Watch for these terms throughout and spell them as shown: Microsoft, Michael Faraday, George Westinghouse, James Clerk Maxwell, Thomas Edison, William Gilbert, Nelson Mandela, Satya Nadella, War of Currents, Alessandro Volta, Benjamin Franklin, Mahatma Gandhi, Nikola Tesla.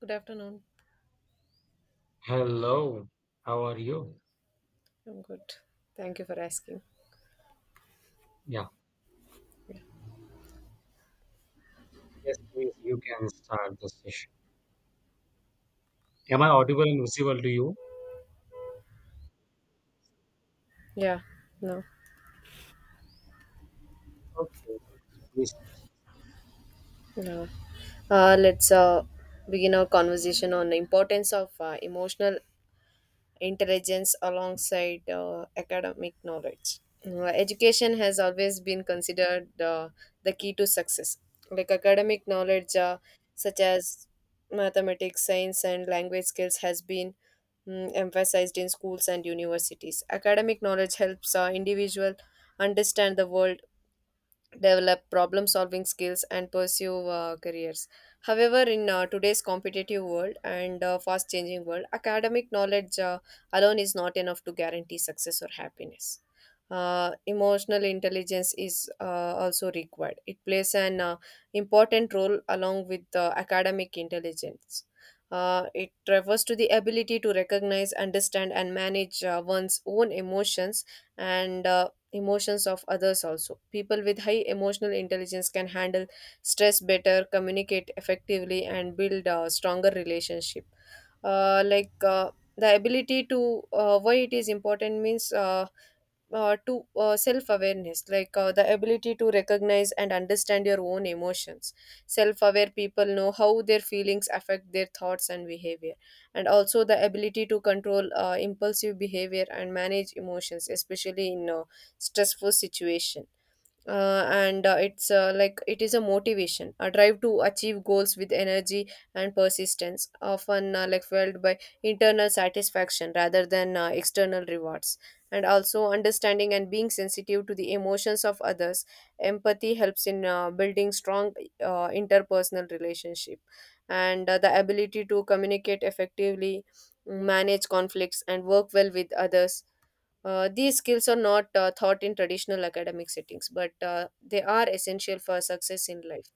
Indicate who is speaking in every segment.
Speaker 1: Good afternoon.
Speaker 2: Hello, how are you?
Speaker 1: I'm good. Thank you for asking.
Speaker 2: Yeah, yes, please, you can start the session. Am I audible and visible to you?
Speaker 1: Yeah, no,
Speaker 2: Okay, please.
Speaker 1: no. Let's begin our conversation on the importance of emotional intelligence alongside academic knowledge. Education has always been considered the key to success. Like academic knowledge, such as mathematics, science, and language skills, has been emphasized in schools and universities. Academic knowledge helps individual understand the world, develop problem solving skills, and pursue careers. However, in today's competitive world and fast changing world, academic knowledge alone is not enough to guarantee success or happiness. Emotional intelligence is also required. It plays an important role along with academic intelligence. It refers to the ability to recognize, understand, and manage one's own emotions and emotions of others. Also, people with high emotional intelligence can handle stress better, communicate effectively, and build a stronger relationship. uh, like uh, the ability to why it is important means to self awareness, the ability to recognize and understand your own emotions. Self aware people know how their feelings affect their thoughts and behavior, and also the ability to control impulsive behavior and manage emotions, especially in a stressful situation. And it's Like it is a motivation, a drive to achieve goals with energy and persistence, often like fueled by internal satisfaction rather than external rewards. And also understanding and being sensitive to the emotions of others, empathy helps in building strong interpersonal relationship, and the ability to communicate effectively, manage conflicts, and work well with others. These skills are not taught in traditional academic settings, but they are essential for success in life.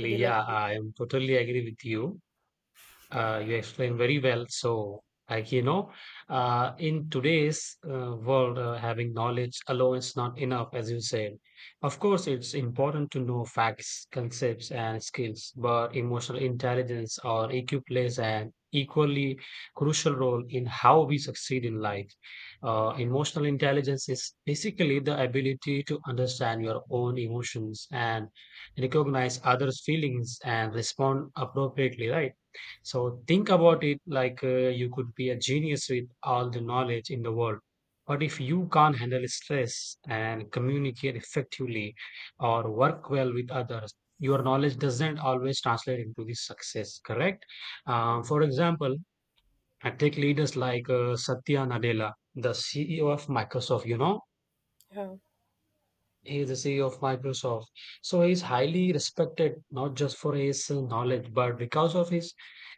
Speaker 1: Would you like
Speaker 2: yeah,
Speaker 1: to?
Speaker 2: I am totally agree with you.
Speaker 1: Yeah.
Speaker 2: You explained very well. Like you know, in today's world, having knowledge alone is not enough, as you said. Of course, it's important to know facts, concepts, and skills, but emotional intelligence or EQ plays an equally crucial role in how we succeed in life. Emotional intelligence is basically the ability to understand your own emotions and recognize others' feelings and respond appropriately, right? So think about it like you could be a genius with all the knowledge in the world. But if you can't handle stress and communicate effectively or work well with others, your knowledge doesn't always translate into the success, correct? For example, I take leaders like Satya Nadella, the CEO of Microsoft, you know,
Speaker 1: Yeah.
Speaker 2: he is the CEO of Microsoft. So he is highly respected not just for his knowledge, but because of his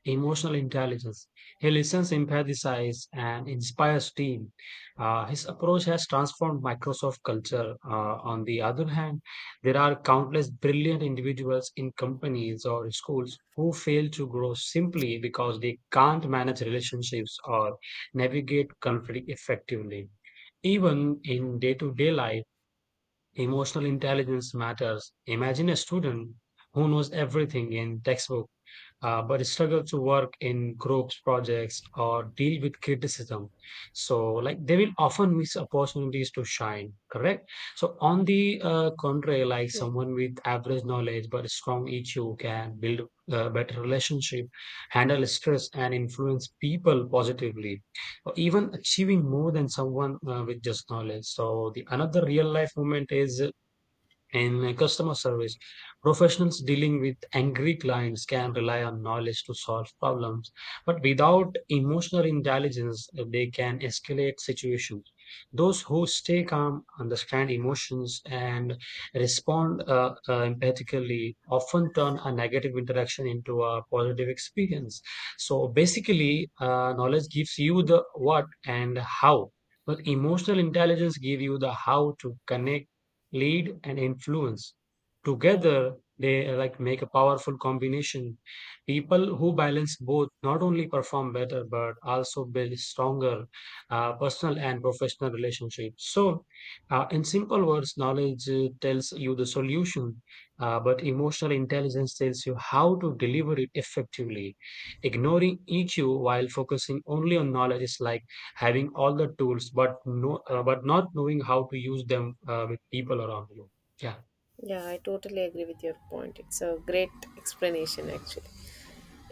Speaker 2: emotional intelligence. He listens, empathizes, and inspires team. His approach has transformed Microsoft culture. On the other hand, there are countless brilliant individuals in companies or schools who fail to grow simply because they can't manage relationships or navigate conflict effectively even in day to day life. Emotional intelligence matters. Imagine a student who knows everything in textbook but struggles to work in groups projects or deal with criticism. So like they will often miss opportunities to shine. Correct. So on the contrary, like someone with average knowledge but strong EQ can build a better relationship, handle stress, and influence people positively or even achieving more than someone with just knowledge. So the another real life moment is in customer service, professionals dealing with angry clients can rely on knowledge to solve problems, but without emotional intelligence, they can escalate situations. Those who stay calm, understand emotions, and respond empathically often turn a negative interaction into a positive experience. So basically, knowledge gives you the what and how, but emotional intelligence gives you the how to connect, lead, and influence
Speaker 1: Yeah,
Speaker 2: together. They make a powerful combination. People who balance both not only perform better but also build stronger personal and professional relationships. So in simple words, knowledge tells you the solution, but emotional intelligence tells you how to deliver it effectively. Ignoring EQ while focusing only on knowledge is like having all the tools but not knowing how to use them with people around you. Yeah.
Speaker 1: yeah, I totally agree with your point. It's a great explanation, actually.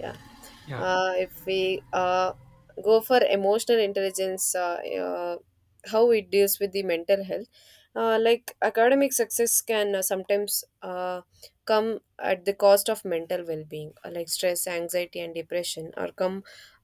Speaker 1: Yeah.
Speaker 2: Yeah,
Speaker 1: If we go for emotional intelligence uh, how it deals with the mental health. Like academic success can sometimes come at the cost of mental well-being. Like stress, anxiety, and depression are come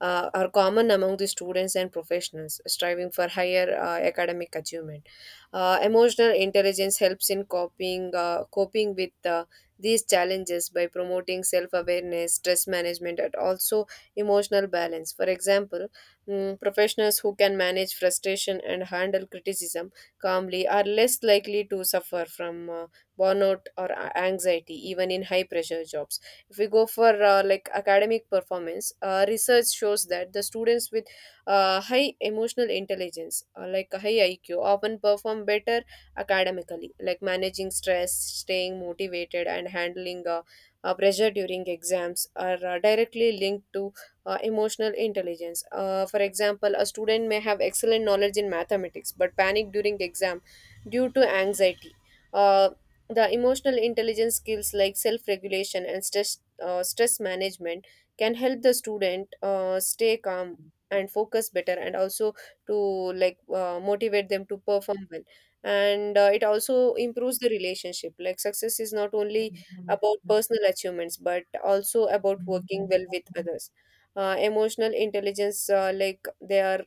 Speaker 1: are common among the students and professionals striving for higher academic achievement. Emotional intelligence helps in coping with these challenges by promoting self awareness, stress management, and also emotional balance. For example, professionals who can manage frustration and handle criticism calmly are less likely to suffer from burnout or anxiety, even in high pressure jobs. If we go for like academic performance, research shows that the students with high emotional intelligence, like a high IQ, often perform better academically. Like managing stress, staying motivated, and handling pressure during exams are directly linked to emotional intelligence. For example, a student may have excellent knowledge in mathematics but panic during exam due to anxiety. Uh, the emotional intelligence skills like self-regulation and stress management can help the student stay calm and focus better, and also to motivate them to perform well. And it also improves the relationship. Like, success is not only about personal achievements but also about working well with others. Emotional intelligence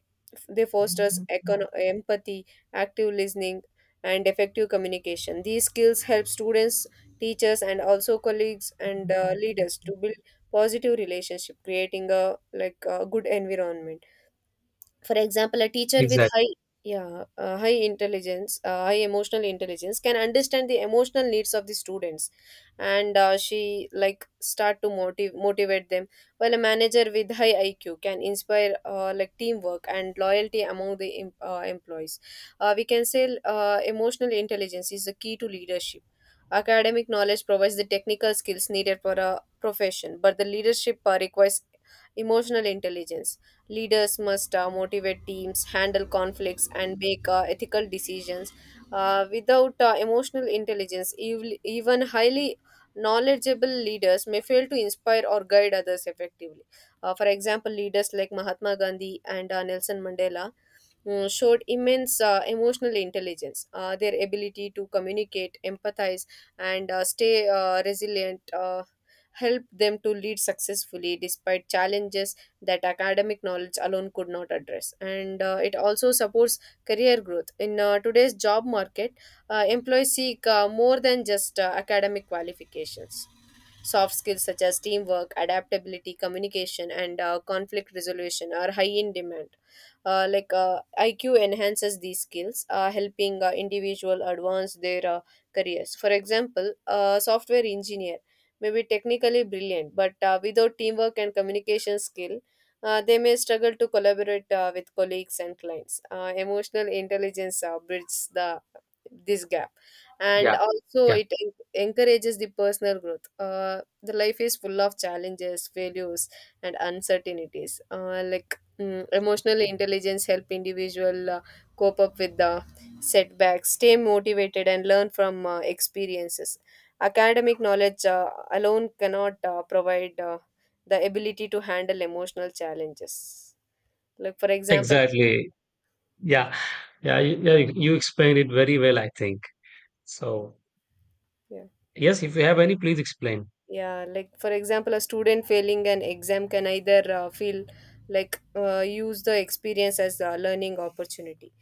Speaker 1: they fosters empathy, active listening, and effective communication. These skills help students, teachers, and also colleagues and leaders to build positive relationship, creating a like a good environment. For example, a teacher with high,
Speaker 2: exactly.
Speaker 1: yeah, high emotional intelligence can understand the emotional needs of the students, and she like start to motivate them, while a manager with high IQ can inspire like teamwork and loyalty among the employees. We can say emotional intelligence is the key to leadership. Academic knowledge provides the technical skills needed for a profession, but the leadership requires emotional intelligence. Leaders must motivate teams, handle conflicts, and make ethical decisions. Without emotional intelligence, even highly knowledgeable leaders may fail to inspire or guide others effectively. For example, leaders like Mahatma Gandhi and Nelson Mandela showed immense emotional intelligence. Their ability to communicate, empathize, and stay resilient helped them to lead successfully despite challenges that academic knowledge alone could not address. And it also supports career growth. In today's job market, employees seek more than just academic qualifications. Soft skills such as teamwork, adaptability, communication, and conflict resolution are high in demand. IQ enhances these skills, helping individual advance their careers. For example, a software engineer may be technically brilliant, but without teamwork and communication skill, they may struggle to collaborate with colleagues and clients. Emotional intelligence bridges the this gap, and
Speaker 2: Yeah.
Speaker 1: also
Speaker 2: Yeah,
Speaker 1: it encourages the personal growth. The life is full of challenges, failures, and uncertainties. Emotional intelligence help individual cope up with the setbacks, stay motivated, and learn from experiences. Academic knowledge alone cannot provide the ability to handle emotional challenges. Like for example,
Speaker 2: exactly. Yeah. Yeah, you explained it very well, I think. So
Speaker 1: yeah.
Speaker 2: yes, if you have any, please explain.
Speaker 1: Yeah, like for example, a student failing an exam can either feel like use the experience as a learning opportunity.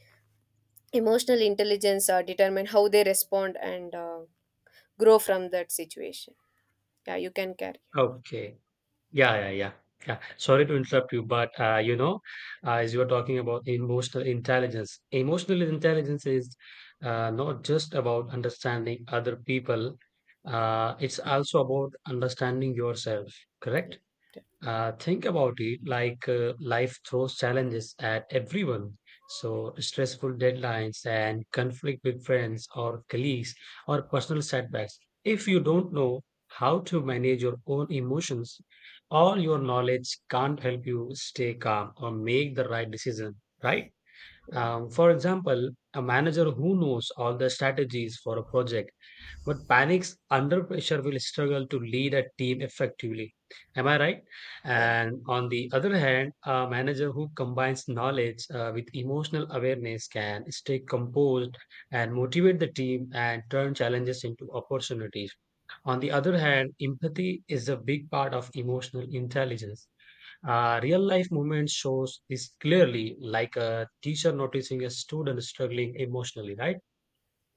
Speaker 1: Emotional intelligence determine how they respond and grow from that situation. Yeah, you can carry.
Speaker 2: Okay. Yeah, yeah, yeah. Yeah. Sorry to interrupt you, but as you are talking about emotional intelligence is not just about understanding other people, it's also about understanding yourself, correct? Think about it like life throws challenges at everyone. So stressful deadlines and conflict with friends or colleagues or personal setbacks. If you don't know how to manage your own emotions, all your knowledge can't help you stay calm or make the right decision, right? For example, a manager who knows all the strategies for a project but panics under pressure will struggle to lead a team effectively. Am I right?
Speaker 1: Yeah.
Speaker 2: And on the other hand, a manager who combines knowledge with emotional awareness can stay composed and motivate the team and turn challenges into opportunities. On the other hand, empathy is a big part of emotional intelligence. Real life movement shows this clearly, like a teacher noticing a student struggling emotionally, right?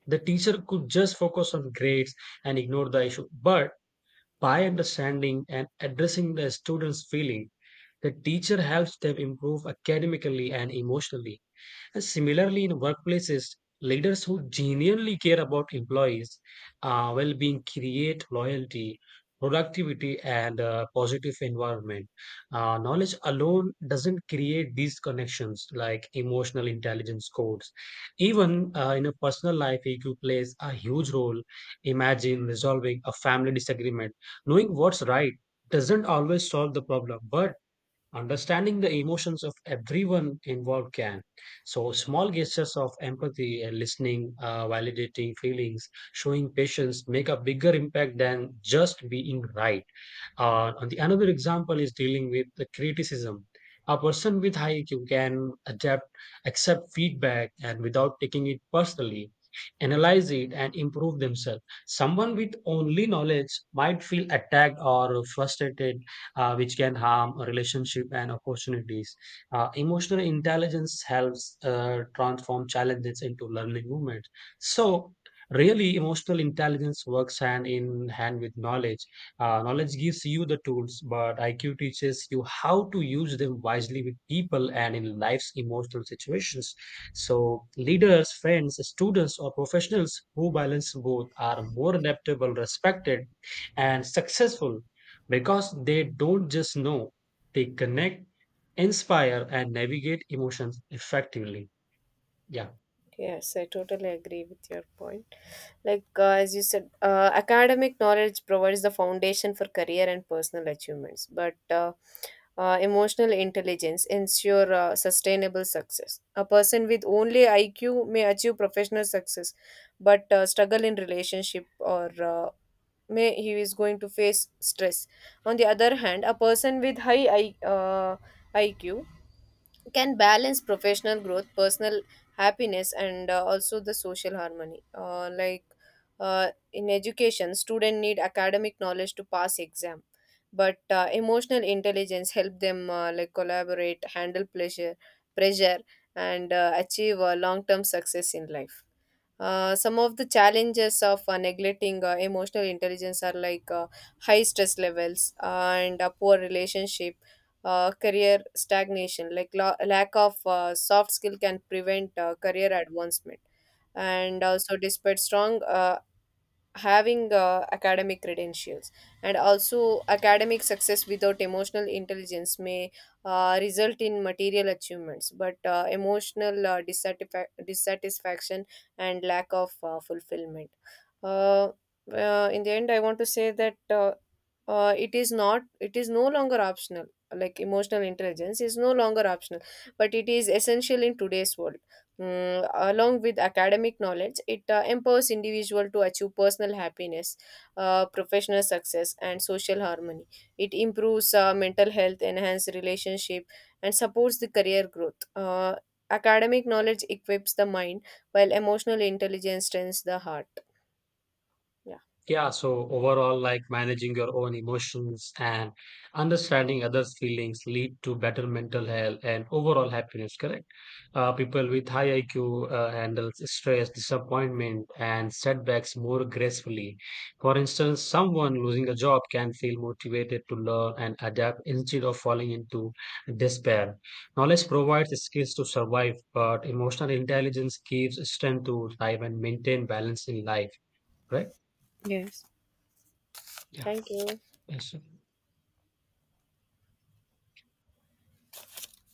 Speaker 2: The teacher could just focus on grades and ignore the issue, but by understanding and addressing the student's feeling, the teacher helps them improve academically and emotionally. And similarly, in workplaces, leaders who genuinely care about employees' well-being create loyalty, productivity, and a positive environment. Knowledge alone doesn't create these connections like emotional intelligence codes. Even in a personal life, EQ plays a huge role. Imagine resolving a family disagreement. Knowing what's right doesn't always solve the problem, but understanding the emotions of everyone involved can. So small gestures of empathy and listening, validating feelings, showing patience make a bigger impact than just being right. And the another example is dealing with the criticism. A person with high IQ can adapt, accept feedback, and without taking it personally, analyze it and improve themselves. Someone with only knowledge might feel attacked or frustrated, which can harm a relationship and opportunities. Emotional intelligence helps transform challenges into learning moments. So really, emotional intelligence works hand in hand with knowledge. Knowledge gives you the tools, but IQ teaches you how to use them wisely with people and in life's emotional situations. So leaders, friends, students, or professionals who balance both are more adaptable, respected, and successful because they don't just know, they connect, inspire, and navigate emotions effectively. Yeah.
Speaker 1: Yes, I totally agree with your point. Like, as you said, academic knowledge provides the foundation for career and personal achievements, but emotional intelligence ensure sustainable success. A person with only IQ may achieve professional success, but struggle in relationship, or may he is going to face stress. On the other hand, a person with high IQ can balance professional growth, personal happiness, and also the social harmony. In education, student need academic knowledge to pass exam, but emotional intelligence help them like collaborate, handle pleasure pressure, and achieve long term success in life. Some of the challenges of neglecting emotional intelligence are like high stress levels and a poor relationship, career stagnation, like lack of soft skill can prevent career advancement. And also, despite strong having academic credentials, and also academic success without emotional intelligence may result in material achievements, but emotional dissatisfaction and lack of fulfillment. uh, in the end, I want to say that it is no longer optional. Like, emotional intelligence is no longer optional, but it is essential in today's world. Along with academic knowledge, it empowers individual to achieve personal happiness, professional success, and social harmony. It improves mental health, enhances relationship, and supports the career growth. Academic knowledge equips the mind, while emotional intelligence strengthens the heart. Yeah.
Speaker 2: Yeah, so overall, like managing your own emotions and understanding others' feelings lead to better mental health and overall happiness, correct? People with high IQ handle stress, disappointment, and setbacks more gracefully. For instance, someone losing a job can feel motivated to learn and adapt instead of falling into despair. Knowledge provides skills to survive, but emotional intelligence gives strength to thrive and maintain balance in life, right?
Speaker 1: Yes.
Speaker 2: Yeah.
Speaker 1: Thank you.
Speaker 2: Eso.